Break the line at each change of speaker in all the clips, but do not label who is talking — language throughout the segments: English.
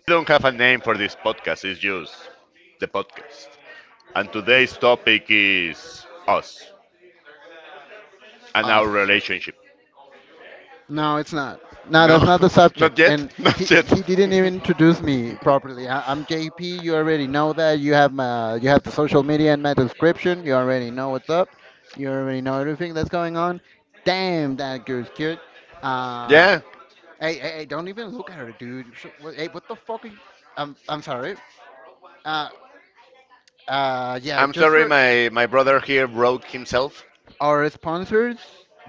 We don't have a name for this podcast, it's just the podcast. And today's topic is us and our
us.
relationship.
No, it's not. No, that's
No,
not the subject.
not
And
yet,
he
not yet.
he didn't even introduce me properly. I'm JP. You already know that. You have the social media in my description. You already know what's up. You already know everything that's going on. Damn, that girl's cute. Uh,
yeah,
Hey, hey, hey, don't even look at her, dude. Hey, what the fuck are you? I'm sorry. Uh, yeah,
I'm
just
sorry
for
my brother here broke himself
Our sponsors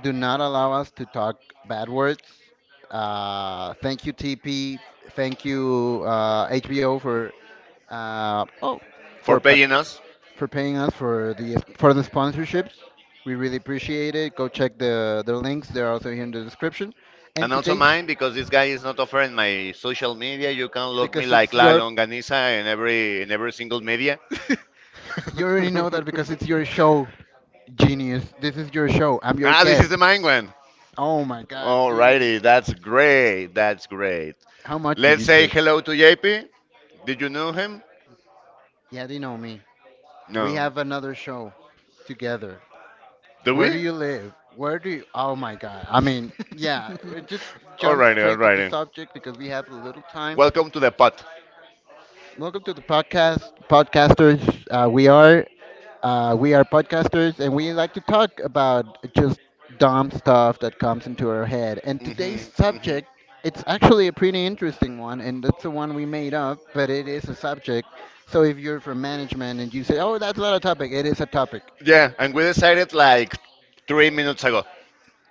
do not allow us to talk bad words. Thank you, TP. Thank you, HBO for uh, oh
for
for pa-
paying us.
for paying us for the sponsorships. We really appreciate it. Go check the links. They're also here in the description. And
And also
today's
mine because this guy is not offering my social media. You can look me
Because
like
it's
La
your
Longaniza in every single media.
you already know that because it's your show, genius. This is your show. I'm your
ah, this is
guest.
the main one.
Oh my god,
Alrighty,
dude!
that's great. That's great.
How much did
Let's
you
say
take?
hello to JP. Did you know him?
Yeah, they know me. We
No.
have another show together.
Do
Where do
we?
you live? Where do you? Oh my God. I mean, yeah, it just jump
alrighty,
straight to the
alrighty.
subject because we have a little time.
Welcome to the pot.
Welcome to the podcast, podcasters. We are podcasters, and we like to talk about just dumb stuff that comes into our head. And
hmm
today's
hmm
subject, it's actually a pretty interesting one, and that's the one we made up, but it is a subject. So if you're from management and you say, "Oh, that's not a topic," it is a topic.
Yeah, and we decided like 3 minutes ago.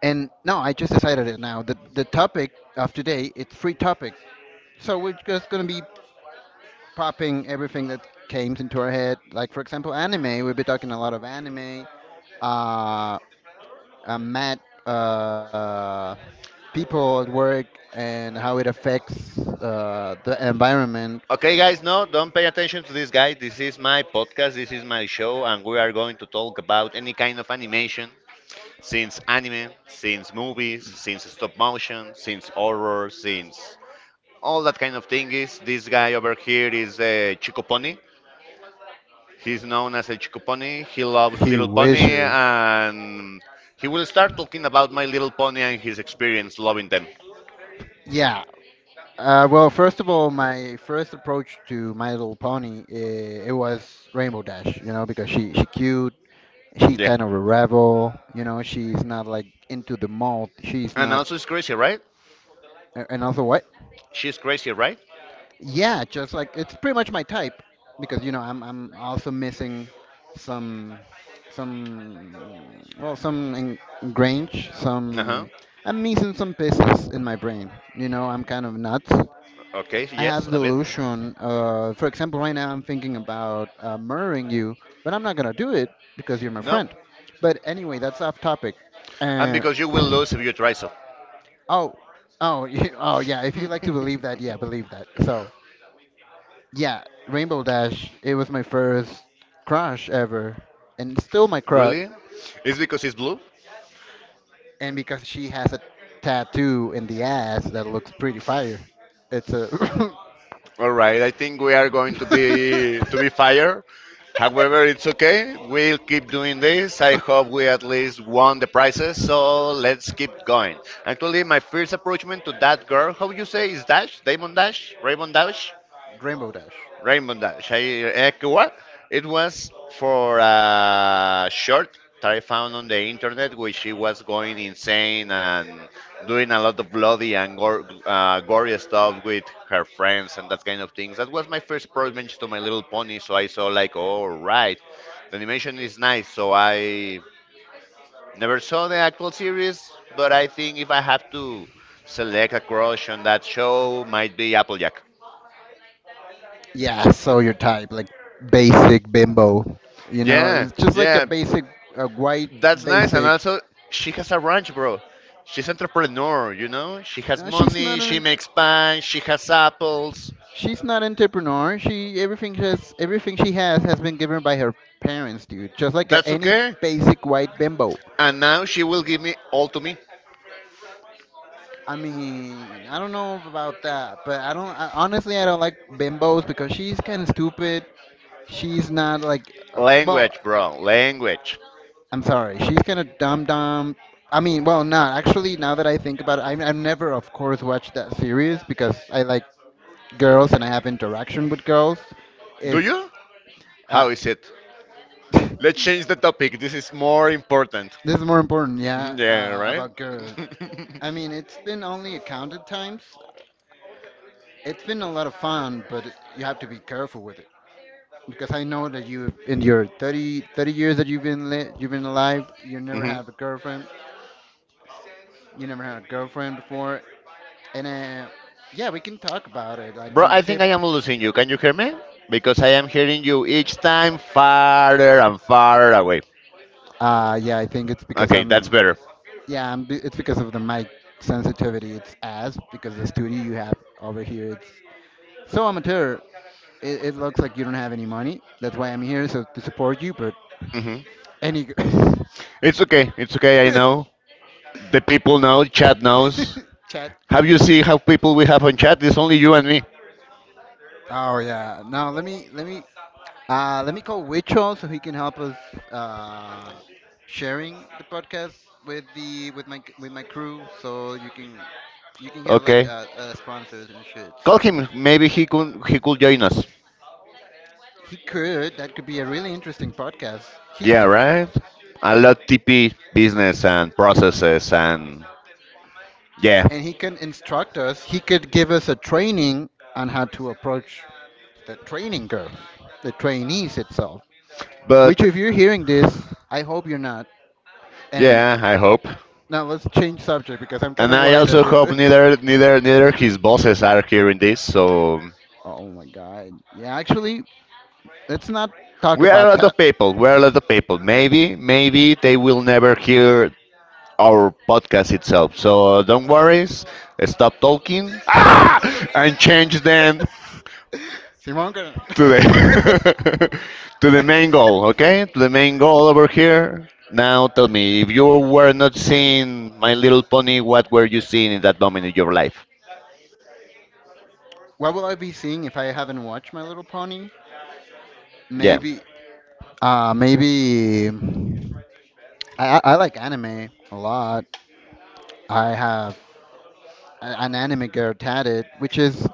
And no, I just decided it now. The topic of today it's free topic, so we're just gonna be popping everything that came into our head. Like for example, anime. We'll be talking a lot of anime. Uh, mad uh People at work and how it affects the environment.
Okay, guys, no, don't pay attention to this guy. This is my podcast, this is my show, and we are going to talk about any kind of animation. Since anime, since movies, since stop motion, since horror, since all that kind of thing is this guy over here is a Chico Pony. He's known as a Chico Pony. He loves
He
Little Pony
wishes.
and he will start talking about My Little Pony and his experience loving them.
Yeah. Well, first of all, my first approach to My Little Pony, it was Rainbow Dash, you know, because she cute, she
Yeah.
kind of a rebel, you know, she's not like into the mold, she's
And
not
also it's crazy, right?
a- and also what
She's crazy, right?
yeah, just like it's pretty much my type, because you know I'm also missing some some well some in,
Uh huh.
some, I'm missing some pieces in my brain, you know, I'm kind of nuts.
Okay,
I
yes,
have
a bit.
delusion. For example, right now I'm thinking about murdering you, but I'm not gonna do it because you're my
No.
friend. But anyway, that's off topic.
And
Uh,
because you will lose if you try so.
Oh, oh, oh, yeah. If you like to believe that, yeah, believe that. So, yeah, Rainbow Dash. It was my first crush ever, and still my crush.
Really? It's because it's blue?
And because she has a tattoo in the ass that looks pretty fire, it's a.
All right, I think we are going to be fired. However, it's okay. We'll keep doing this. I hope we at least won the prizes, so let's keep going. Actually, my first approachment to that girl, how you say, is Dash? Damon Dash? Raymond Dash?
Rainbow Dash.
Rainbow Dash. What? It was for a short that I found on the internet, which she was going insane and doing a lot of bloody and gory stuff with her friends and that kind of things. That was my first approach to My Little Pony, so I saw like, oh right, the animation is nice. So I never saw the actual series, but I think if I have to select a crush on that show, might be Applejack.
Yeah, so your type, like basic bimbo. You know,
Yeah,
it's just like a
yeah.
a white
That's nice, and
basic.
also she has a ranch, bro. She's entrepreneur. She has
Uh, she's
money.
not
She
an,
makes pie. She has apples.
she's not an entrepreneur. Everything she has been given by her parents, dude. Just like
That's
any
okay.
basic white bimbo.
And now she will give me all to me.
I mean, I don't know about that, but Honestly, I don't like bimbos because she's kind of stupid. She's not like, well,
Language, bro. Language.
I'm sorry. She's kind of dumb dumb. I mean, well, not actually. Now that I think about it, I never, of course, watched that series because I like girls and I have interaction with girls.
Do
If
you?
uh,
How is it? Let's
this
change the topic. This is more important.
is more important, yeah,
Yeah, right.
about girls. I mean, it's been only a counted times. It's been a lot of fun, but you have to be careful with it because I know that you, in your 30 years that you've been alive, you never
Mhm.
had a girlfriend. You never had a girlfriend before. And Yeah, we can talk about it, like
Bro,
some
I think I
tips.
am losing you. Can you hear me? Because I am hearing you each time farther and farther away.
Yeah, I think it's because
Okay, that's better.
yeah, it's because of the mic sensitivity. It's ass because the studio you have over here, it's so amateur. It looks like you don't have any money. That's why I'm here, so to support you. But
hmm
any
It's okay. It's okay. I know. The people know. Chat knows.
chat.
Have you seen how people we have on chat? It's only you and me.
Oh yeah. Now let me call Wicho so he can help us uh, sharing the podcast with the with my crew. So you can have like
Okay.
sponsors and shit.
Call
So
him. Maybe he could join us.
he could that could be a really interesting podcast.
Yeah,
He
right. A lot TP business and processes and yeah.
And he can instruct us. He could give us a training on how to approach the training girls, the trainees itself. Which
But
if you're hearing this, I hope you're not. And
yeah, I hope.
now let's change subject because I'm kind
And
of
I
worried that
also
they.
hope neither his bosses are hearing this. So
Oh my god. Yeah, actually, let's not talk
we are a
about
lot
that.
of people. We are a lot of people. Maybe they will never hear our podcast itself. So don't worry. Stop talking ah! and change then
Simon gonna.
to the to the main goal. Okay, to the main goal over here. Now tell me, if you were not seeing My Little Pony, what were you seeing in that moment in your life?
What will I be seeing if I haven't watched My Little Pony?
Yeah,
Maybe. Maybe. I like anime a lot. I have an anime girl tatted, which is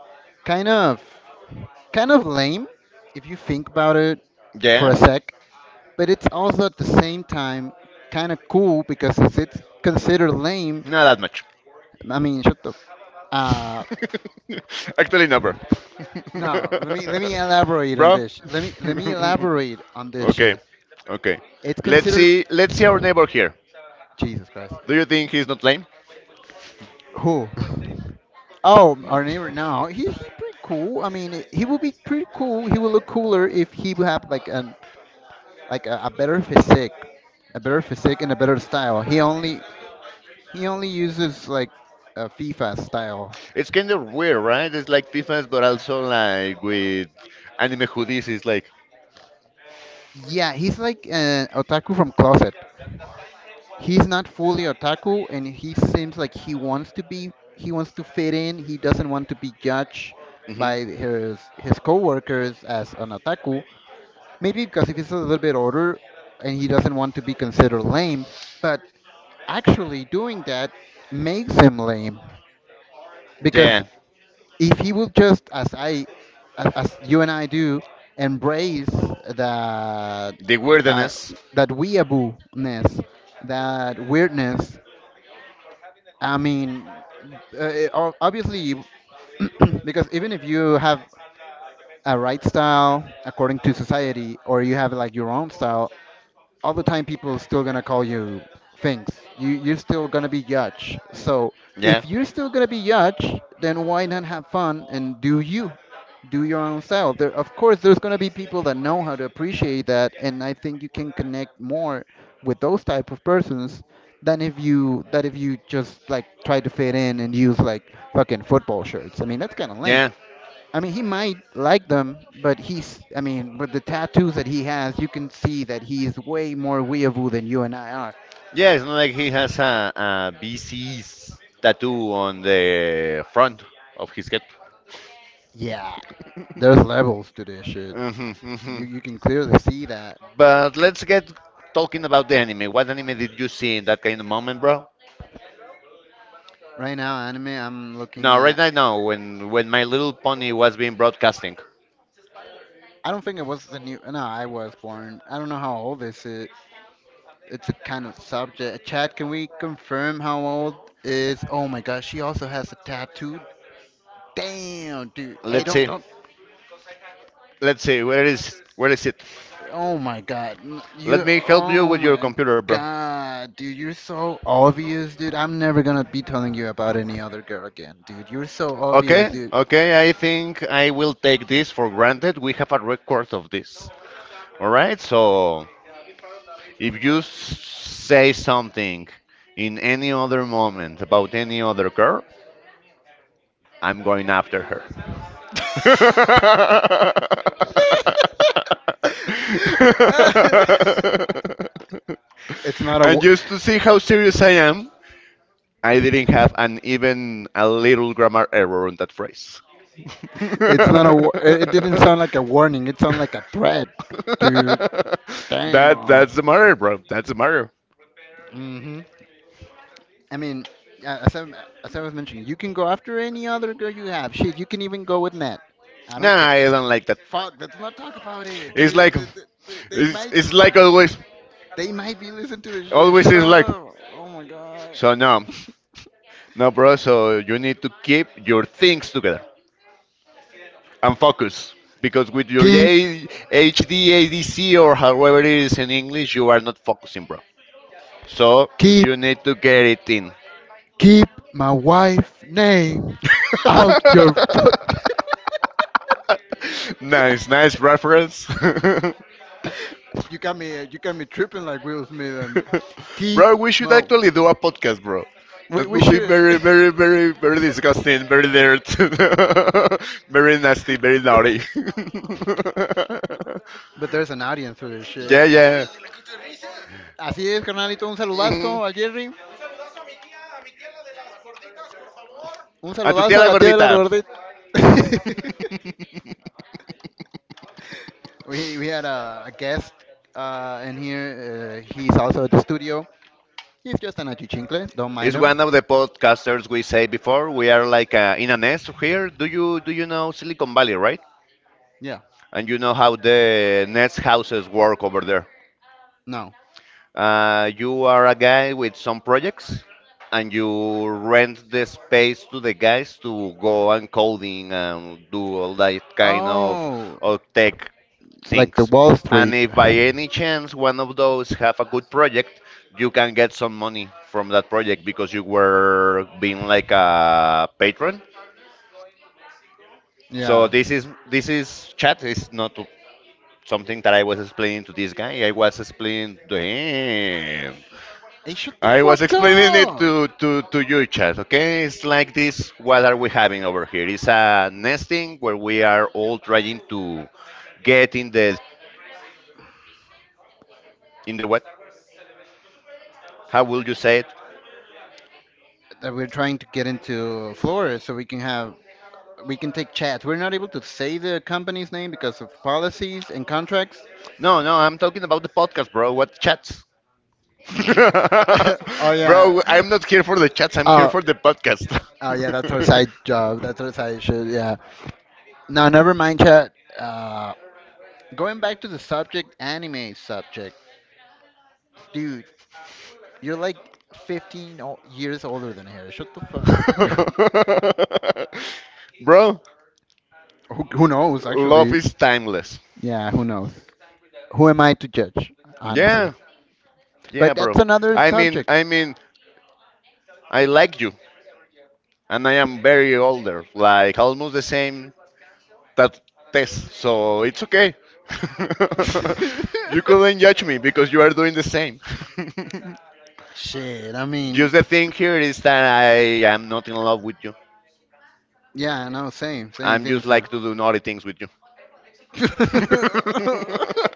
kind of kind of lame if you think about it for a
yeah,
sec. But it's also at the same time kind of cool because since it's considered lame.
not that much.
I mean, shut up. Uh,
Actually, never.
no, let me elaborate on
Bro.
this. Let me elaborate on this
okay.
shit.
Okay.
It's considered
Let's see our neighbor here.
Jesus Christ.
Do you think he's not lame?
Who? Oh, our neighbor. No, he pretty cool. I mean, he would be pretty cool. He would look cooler if he would have like a a better physique, and a better style. He only uses like a FIFA style.
It's kind of weird, right? It's like defense, but also like with anime hoodies. It's like,
Yeah, he's like an otaku from closet. He's not fully otaku, and he seems like he wants to be. He wants to fit in. He doesn't want to be judged
hmm
by his coworkers as an otaku. Maybe because if he's a little bit older, and he doesn't want to be considered lame, but actually doing that makes him lame because
yeah,
if he would just as I as you and I do embrace that
the
uh,
weirdness.
that weeaboo-ness, that weirdness, I mean, obviously, because even if you have a right style according to society or you have like your own style all the time, people still gonna call you things. You're still gonna be judged. So
Yeah,
if you're still gonna be judged, then why not have fun and do you? Do your own style. There of course there's gonna be people that know how to appreciate that, and I think you can connect more with those type of persons than if you just like try to fit in and use like fucking football shirts. I mean that's kinda lame.
yeah,
I mean, he might like them, but I mean, with the tattoos that he has, you can see that he's way more weeaboo than you and I are.
yeah. It's not like he has a BC's tattoo on the front of his head.
Yeah, there's levels to this shit.
hmm hmm
You can clearly see that.
But let's get talking about the anime. What anime did you see in that kind of moment, bro?
Right now, anime I'm looking
No, right
at.
now, no. When My Little Pony was being broadcasting.
I don't think it was the new. No, I was born. I don't know how old this is. It's a kind of subject. Chad, can we confirm how old is? Oh my gosh, she also has a tattoo. Damn, dude. Hey,
Let's see.
don't
Let's see. Where is it?
Oh my god. N-
Let
You
me help you
oh
with your
my
computer, bro.
god, dude, you're so obvious, dude. I'm never gonna be telling you about any other girl again, dude. You're so obvious,
Okay,
dude.
okay. I think I will take this for granted. We have a record of this. All right. So if you say something in any other moment about any other girl, I'm going after her. and
it's not a wa-
just to see how serious I am, I didn't have an even a little grammar error on that phrase.
it's not a wa- it didn't sound like a warning. It sounded like a threat, dude.
that
Damn.
that's the matter, bro. That's the matter.
Mhm. I mean, a- as I as I was mentioning, you can go after any other girl you have. Shit, you can even go with Nat. I don't
Nah,
care.
I don't like that.
Fuck, let's not talk about it,
It's like
dude. They,
it's,
might
it's like always
they might be listening to this shit.
always
Shut
is like
up. Oh my god.
so no No, bro, so you need to keep your things together and focus. Because with your
keep
A- H D, ADC, or however it is in English, you are not focusing, bro. So
keep
you need to get it in.
keep my wife name out your fuck.
nice, nice reference.
You got me tripping like Will Smith and keep
bro, we should
my
actually do a podcast, bro. That
we
would be
should.
very, very, very, very disgusting, very dirt, very nasty, very naughty.
But there's an audience for this shit.
Yeah, yeah.
Así es, carnalito. Un
Ujú.
saludazo a Jerry. Un
A tu
saludazo a
tía la
la tía de la
gordita.
gordita. We had a guest in here. He's also at the studio. He's just an achichincle. Don't mind
It's
him.
one of the podcasters we say before. We are like in a nest here. Do you know Silicon Valley, right?
Yeah.
And you know how the nest houses work over there.
No.
You are a guy with some projects, and you rent the space to the guys to go and coding and do all that kind of,
Oh,
of tech
like the
things.
Wall
And
Street.
if by any chance one of those have a good project, you can get some money from that project because you were being like a patron. So
Yeah.
this is chat is not something that I was explaining to this guy. I was explaining to him.
Hey, shut the
I was
fuck
explaining it
up!
to you, chat, okay? It's like this what are we having over here? It's a nesting where we are all trying to get in the what? How will you say it?
That we're trying to get into Florida so we can have we can take chats. We're not able to say the company's name because of policies and contracts.
No, no, I'm talking about the podcast, bro. What chats?
oh yeah.
bro, I'm not here for the chats, I'm here
Oh,
for the podcast.
oh yeah, that's our side job. That's our side shit. Yeah. Now, never mind, chat. Uh, Going back to the subject, anime subject, dude. You're like 15 years older than her. Shut the fuck.
bro,
Who knows,
love
actually?
is timeless.
Yeah, who knows? Who am I to judge, honestly?
Yeah, yeah,
But
bro.
that's another
I mean,
subject.
I mean, I like you. And I am very older, like almost the same that test. So it's okay. you couldn't judge me because you are doing the same.
Shit, I
just
mean,
the thing here is that I am not in love with you.
yeah, I know, same, same,
I'm
same,
just
same.
like to do naughty things with you.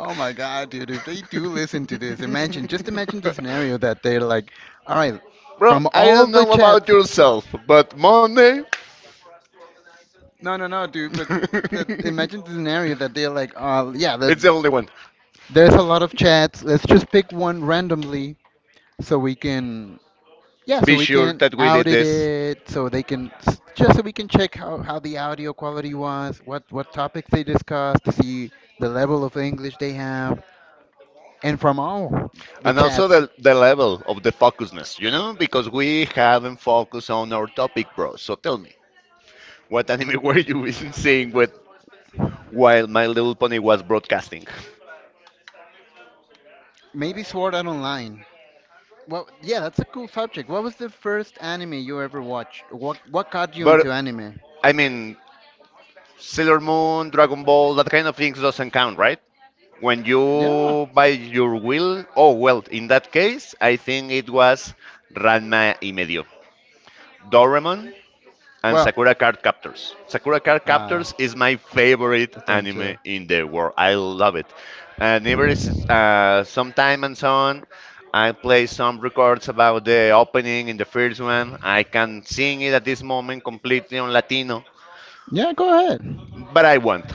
Oh my God, dude, if they do listen to this, imagine, just imagine the scenario that they're like, all right,
Bro,
from
I
all
don't
the
know about
chats,
yourself, but Monday
no, no, no, dude, but imagine the scenario that they're like, yeah,
it's the only one.
there's a lot of chats, let's just pick one randomly so we can, yeah, so
Be
we
sure
can
that we did
audit
this.
it, so they can, just so we can check how the audio quality was, what topics they discussed, to see the level of English they have, and from all the
And also
chats.
the level of the focusness, because we haven't focused on our topic, bro. So tell me, what anime were you seeing with while My Little Pony was broadcasting?
Maybe Sword Art Online. Well, yeah, that's a cool subject. What was the first anime you ever watched? What got you
But
into anime?
I mean, Sailor Moon, Dragon Ball, that kind of things doesn't count, right? When
Yeah.
you by your will, oh well, in that case, I think it was Ranma y medio. Doraemon and
Well,
Sakura Card Captors. Sakura Card
uh,
Captors is my favorite
thank
anime
you.
in the world. I love it. And every some time and so on, I play some records about the opening in the first one. I can sing it at this moment completely on Latino,
Yeah, go ahead.
but I won't.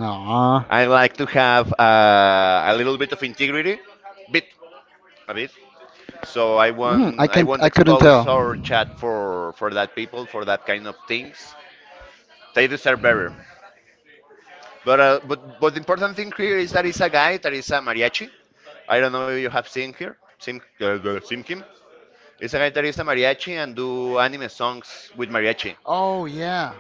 Aw.
I like to have a little bit of integrity, bit, a bit. So I
Mm,
won't,
I
I
can't.
won't
I couldn't
expose
tell.
our chat for that people for that kind of things. They deserve better. But the important thing here is that it's a guy that is a mariachi. I don't know if you have seen him. It's a guy that is a mariachi and do anime songs with mariachi.
Oh yeah.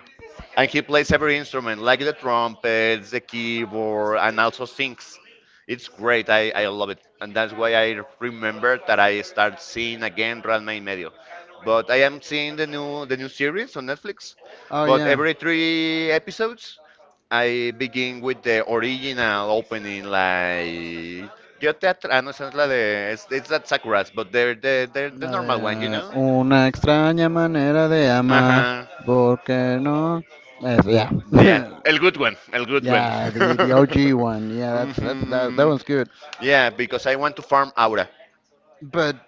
And he plays every instrument, like the trumpets, the keyboard, and also sings. It's great. I love it. And that's why I remember that I start seeing again Ranma y Medio. But I am seeing the new series on Netflix.
Oh
But
yeah.
every three episodes, I begin with the original opening, like Yo te atra- ah, no, esa es la de, it's that Sakura's, but they're the
La
normal one, you
de
know?
una extraña manera de amar,
Uh-huh.
porque no. Yes, yeah,
Yeah, a good one, a good one.
yeah. The OG one. Yeah, that's that
hmm
one's good.
Yeah, because I want to farm aura.
But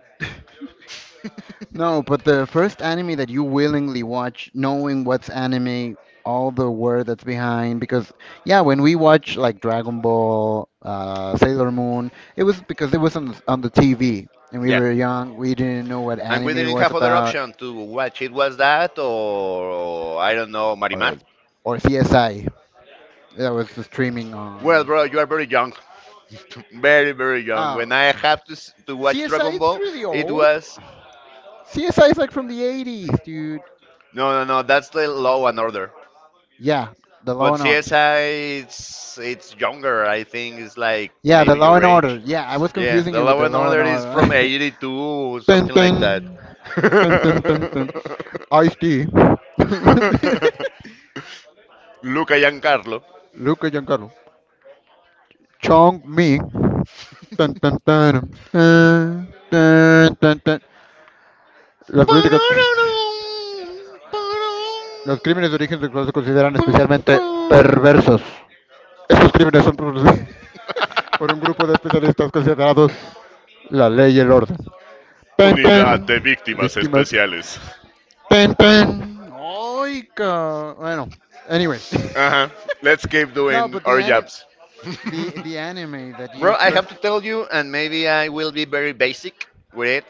no, but the first anime that you willingly watch, knowing what's anime, all the word that's behind, because yeah, when we watch like Dragon Ball, Sailor Moon, it was because it was on on the TV, and we
Yeah.
were young, we didn't know what
And we
anime
didn't
was
have other
about,
option to watch it was that or I don't know Marimar.
or or CSI, that was the streaming
Well,
on.
bro, you are very young, very very young.
Oh,
When I have to to watch
CSI,
Dragon
it's
Ball,
really
it
old.
was
CSI is like from the 80s, dude.
no no no. That's the Law and Order.
Yeah, the Law
But
and Order.
CSI, it's younger. I think it's like
Yeah, the
maybe
Law
your
and Order.
age.
Yeah, I was
Yeah,
confusing
the
it with
Law
the
and
Law and
Order is from
Order.
'82 or
ten
something like that.
ten ten ten ten ten Ice-T,
Luca Giancarlo.
Luca Giancarlo, Chong Ming, tan, tan, tan, tan, tan, tan, tan. Las políticas, los crímenes de origen sexual se consideran especialmente perversos. Estos crímenes son producidos por un grupo de especialistas considerados la ley y el orden. Pen,
Unidad de
pen,
Víctimas
víctimas.
Especiales.
Pen, pen. Oiga. Bueno, anyway.
Uh huh. Let's keep
No,
doing
but the
our
anime,
jobs.
the anime that you
Bro, I have
first.
to tell you, and maybe I will be very basic with it.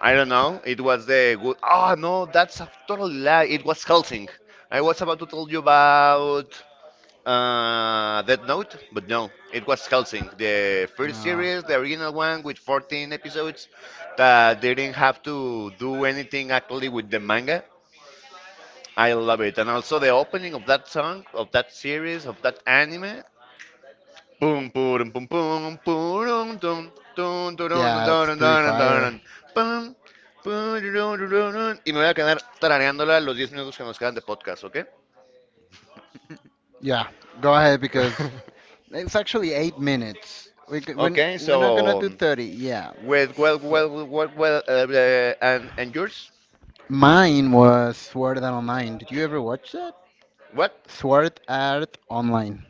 I don't know. It was the good. Oh, no, that's a total lie. It was Helsing. I was about to tell you about Death Note, but no, it was Helsing. The first
No.
series, the original one with 14 episodes that didn't have to do anything actually with the manga. I love it. And also the opening of that song, of that series, of that anime, pum, purum, pum, pum, purum, tum, tum,
Yeah, it's
turun,
pretty
turun,
fire.
turun, pum, pum pururun, tururun. Y me voy a quedar tarareándola los 10 minutos que nos quedan de podcast, ¿ok?
Yeah, go ahead because it's actually 8 minutes. We c- we're, n-
Okay,
we're not gonna
so
do 30. Yeah.
with
So-
and yours?
Mine was Sword Art Online. Did you ever watch that?
What?
Sword Art Online.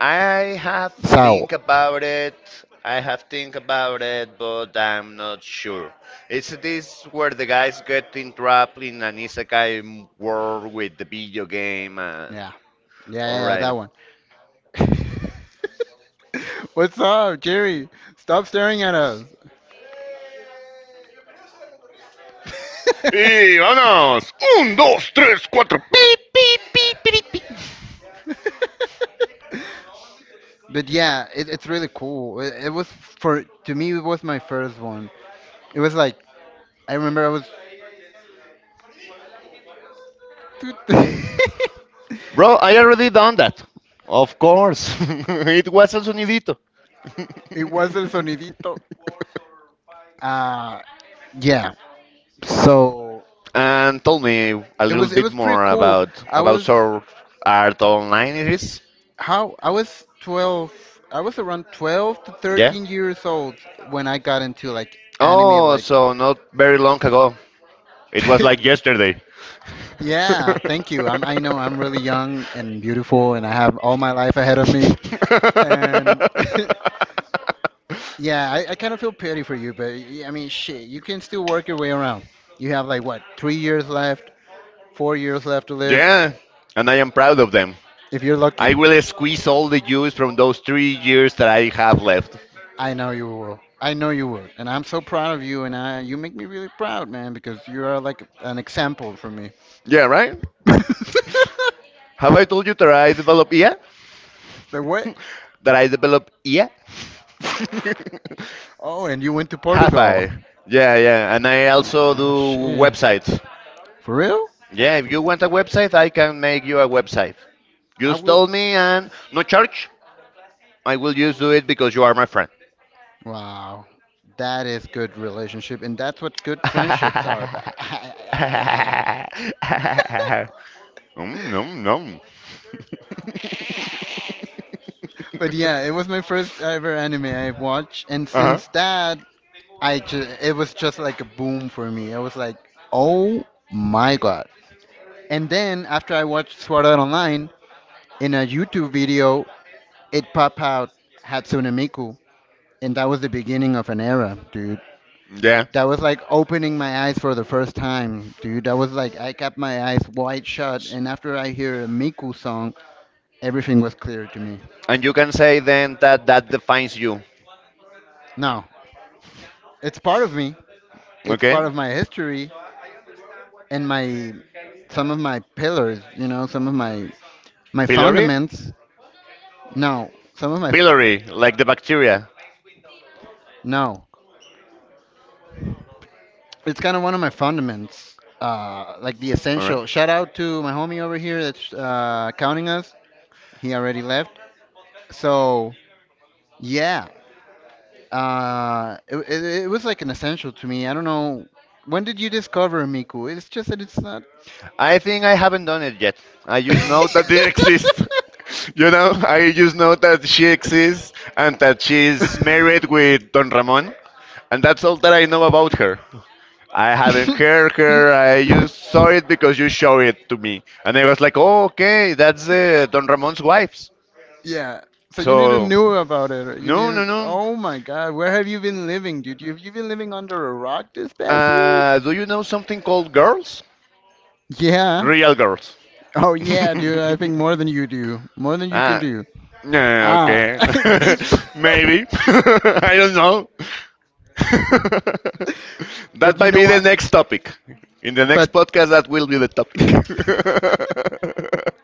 I have
Sao.
think about it. I have think about it, but I'm not sure. Is this where the guys get entrapped in an isekai world with the video game and
Yeah. Yeah,
all
yeah, yeah, that
right.
one. What's up, Jerry? Stop staring at us.
Y vámonos. Un, dos, tres, cuatro. Pip, pip, pip, pip, pip.
But yeah, it, it's really cool. It was for to me it was my first one. It was like I remember I was
Bro, I already done that. Of course. It was El Sonidito.
It was el sonidito. Uh, yeah. So
And tell me a little
it
bit
was pretty
more
cool.
about
I
about
was
your art online it is.
how I was 12, I was around 12 to
Yeah?
13 years old when I got into like anime,
Oh,
like.
so not very long ago. It was like yesterday.
Yeah, thank you. I know I'm really young and beautiful, and I have all my life ahead of me. And yeah, I kind of feel pity for you, but I mean, shit, you can still work your way around. You have like what, 3 years left, 4 years left to live,
Yeah, and I am proud of them.
if you're
I
lucky.
will squeeze all the juice from those 3 years that I have left.
I know you will. I know you would. And I'm so proud of you and I you make me really proud, man, because you are like an example for me.
Yeah, right?
the
Have I told you that I develop? EA?
what?
That I develop? EA?
Oh, and you went to
Have
Portugal.
I? Yeah, yeah. And I also
Oh
do
shit.
websites.
For real?
Yeah, if you want a website, I can make you a website.
I
Just
will.
tell me and no charge. I will just do it because you are my friend.
Wow. That is good relationship and that's what good friendships are about.
Mm, nom, nom.
But yeah, it was my first ever anime I watched, and
Uh-huh.
since that, I just it was just like a boom for me. I was like, oh my god. And then after I watched Sword Art Online in a YouTube video, it popped out Hatsune Miku, and that was the beginning of an era, dude.
Yeah.
That was like opening my eyes for the first time, dude. That was like I kept my eyes wide shut, and after I hear a Miku song, everything was clear to me.
And you can say then that that defines you.
Now, it's part of me. It's
Okay?
part of my history and my some of my pillars, you know, some of my my
Pylori?
fundaments, no, some of my,
Pylori, like the bacteria.
no, it's kind of one of my fundaments, like the
All right.
essential. Shout out to my homie over here that's counting us. He already left. So yeah, it, it, it was like an essential to me. I don't know. When did you discover Miku? It's just that it's not.
I think I haven't done it yet. I just know that it exists. I just know that she exists and that she's married with Don Ramon, and that's all that I know about her. I haven't heard her. I just saw it because you showed it to me, and I was like, "Oh, okay, that's Don Ramon's wife."
Yeah. So you didn't
So,
knew about it. You
no, no,
knew.
no.
Oh my God, where have you been living, dude? Have you been living under a rock this past years?
Do you know something called girls?
Yeah.
Real girls.
Oh yeah, dude. I think more than you do. More than you can
Ah,
do.
no,
Ah,
okay.
these.
Maybe. I don't know. That
But you
might
know
be the
what?
next topic. In the next
But
podcast, that will be the topic.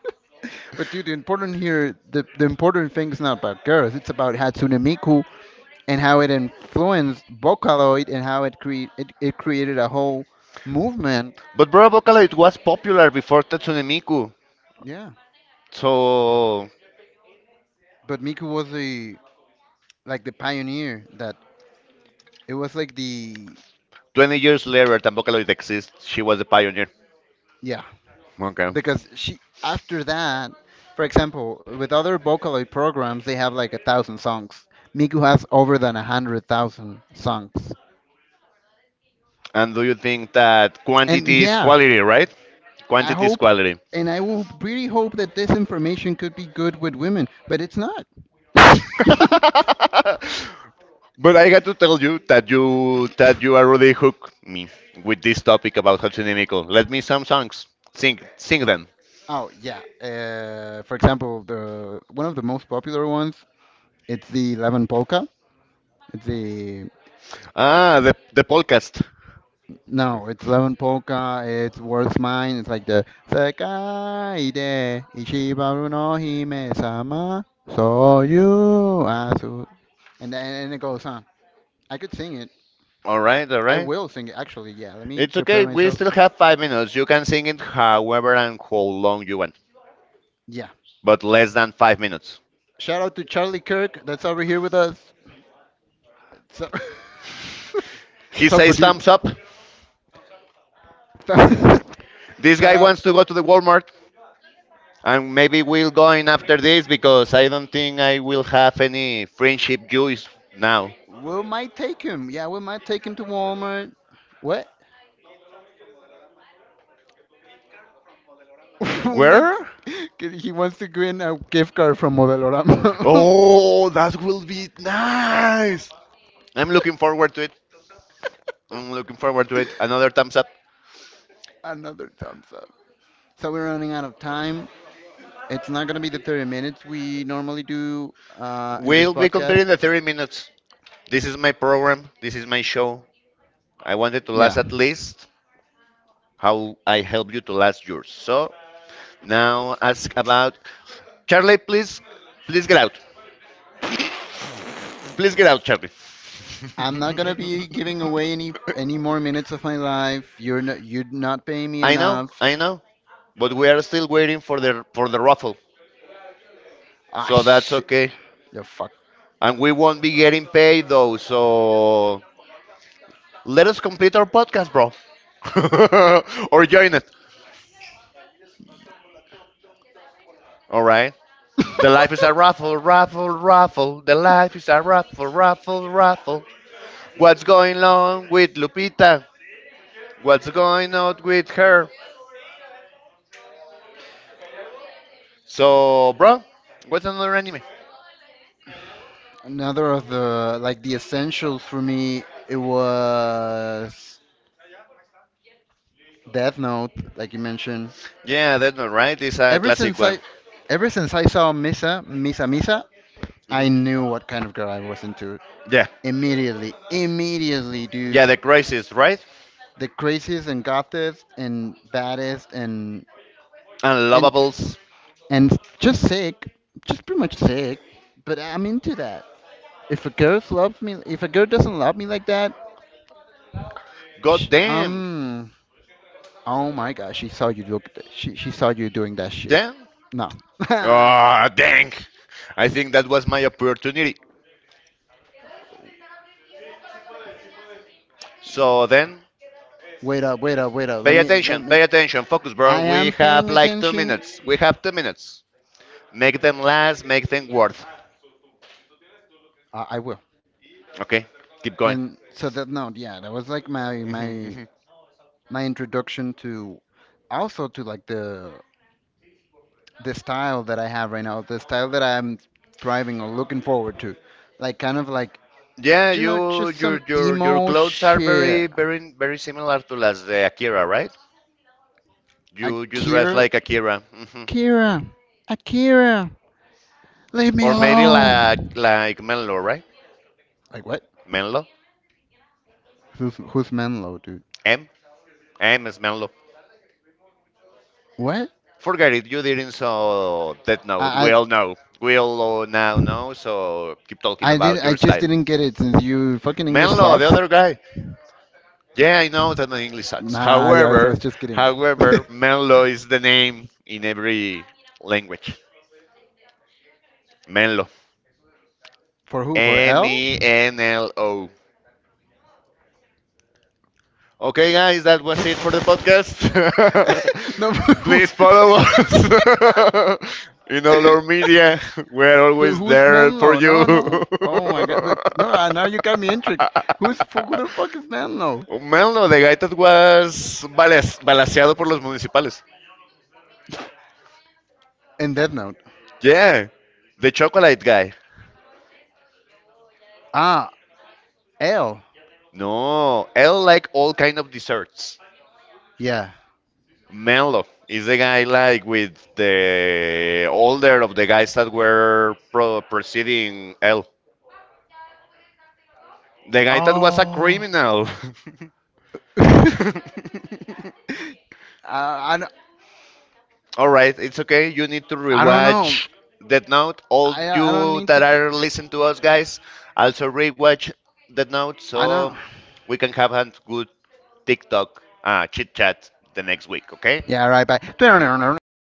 but dude, the important here, the important thing is not about girls. It's about Hatsune Miku and how it influenced Vocaloid and how it create it, it created a whole movement.
But bro, Vocaloid was popular before Tatsune Miku.
Yeah,
So,
but Miku was the like the pioneer that it was like the
20 years later, that Vocaloid exists, she was the pioneer.
yeah
Okay.
because she after that, for example, with other Vocaloid programs they have like a thousand songs. Miku has over than a hundred thousand songs,
And do you think that
and
quantity is
yeah,
quality, right?
I
Quantity is
hope,
quality.
and I will really hope that this information could be good with women, but it's not.
But I got to tell you that you already hooked me with this topic about Hatsune Miku. Let me some songs. Sing them.
Oh yeah. For example, the one of the most popular ones, it's the 11 Polka. It's the
Ah, the podcast.
no, it's 11 Polka. It's World's Mine. It's like the Sekai de Ichibaru no Hime-sama, so you asu. And then and it goes on. I could sing it.
All right, all
I
right.
will sing it actually. Yeah, let me
It's
prepare
okay. We
myself.
still have 5 minutes. You can sing it however and how long you want,
Yeah,
but less than 5 minutes.
shout out to Charlie Kirk that's over here with us. So-
He
it's our
says
producer.
thumbs up. This
Shout
guy
out.
wants to go to the Walmart, and maybe we'll go in after this because I don't think I will have any friendship juice now.
We might take him. Yeah, we might take him to Walmart. What? Una,
Where?
que he wants to win a gift card from Modelorama.
Oh, that will be nice. I'm looking forward to it. I'm looking forward to it. Another thumbs up.
Another thumbs up. So we're running out of time. It's not going to be the 30 minutes we normally do in this
We'll be
podcast.
comparing the 30 minutes. This is my program. This is my show. I wanted to last
Yeah.
at least how I help you to last yours. So now ask about Charlie. Please, please get out. Please get out, Charlie.
I'm not gonna be giving away any more minutes of my life. You'd not pay me enough.
I know, but we are still waiting for the raffle.
Ah
So that's
shit.
okay.
The fuck.
And we won't be getting paid though. So let us complete our podcast, bro, or join it. All right. The life is a raffle, raffle, raffle. The life is a raffle, raffle, raffle. What's going on with Lupita? What's going on with her? So, bro, what's another anime?
Another of the like the essentials for me it was Death Note, like you mentioned.
Yeah, that's not right. It's a
Ever
classic
since
one.
I ever since I saw Misa, Misa,
Hmm.
I knew what kind of girl I was into.
Yeah,
Immediately. Immediately, dude.
yeah, the craziest, right?
The craziest and gothest and baddest and
Unlovables.
and just sick, just pretty much sick. But I'm into that. If a girl loves me, if a girl doesn't love me like that,
God
sh
damn,
oh my gosh, she saw you look, she saw you doing that shit.
damn.
No.
Ah, dang. I think that was my opportunity. So then,
Wait up. Let me let me.
pay attention, focus,
I
bro. We
am
have
paying
like two
attention.
minutes. We have 2 minutes. Make them last, make them worth.
I will.
Okay, keep going.
And so that no, yeah, that was like my
Hmm.
my
Hmm.
my introduction to also to like the style that I have right now, the style that I'm thriving or looking forward to. Like kind of like
Yeah,
you know,
you,
just
your,
some
your, your
emo
clothes are
shit.
very, very, very similar to las de Akira, right? You dress
Akira
like Akira. Hmm.
Akira Akira. Leave me
Or maybe
alone.
like Menlo, right?
Like what?
Menlo?
Who's Menlo dude?
M? M is Menlo.
What?
Forget it. You didn't saw Death Note.
I
We
I,
all know. We all now know. So keep talking
I did
about
I
your
just
style.
didn't get it since you fucking English
Menlo, the
sucks.
other guy. Yeah, I know that the English sucks.
Nah, I
However,
was just kidding.
however, Menlo is the name in every language. Menlo.
For who? For
M
L?
E N L O. Okay, guys, that was it for the podcast.
No, but who?
Please follow us in all our media. We're
But
always
who's
there for
Menlo? No,
you.
no. Oh my God! Look, no. Now you got me intrigued. Who the fuck is Menlo?
Melno de Gaitas was balaseado por los municipales.
In Death Note.
Yeah. The chocolate guy.
Ah, L.
No. L like all kind of desserts.
Yeah.
Mello is the guy like with the older of the guys that were preceding L. The guy that was a
Oh.
criminal.
I, I, don't-
All right, it's okay. You need to
I don't know.
rewatch Death Note. All
I don't
you
need
that
to.
are listening to us, guys, also rewatch Death Note
I
so
know.
we can have a good TikTok chit chat the next week, okay?
Yeah, all right, bye.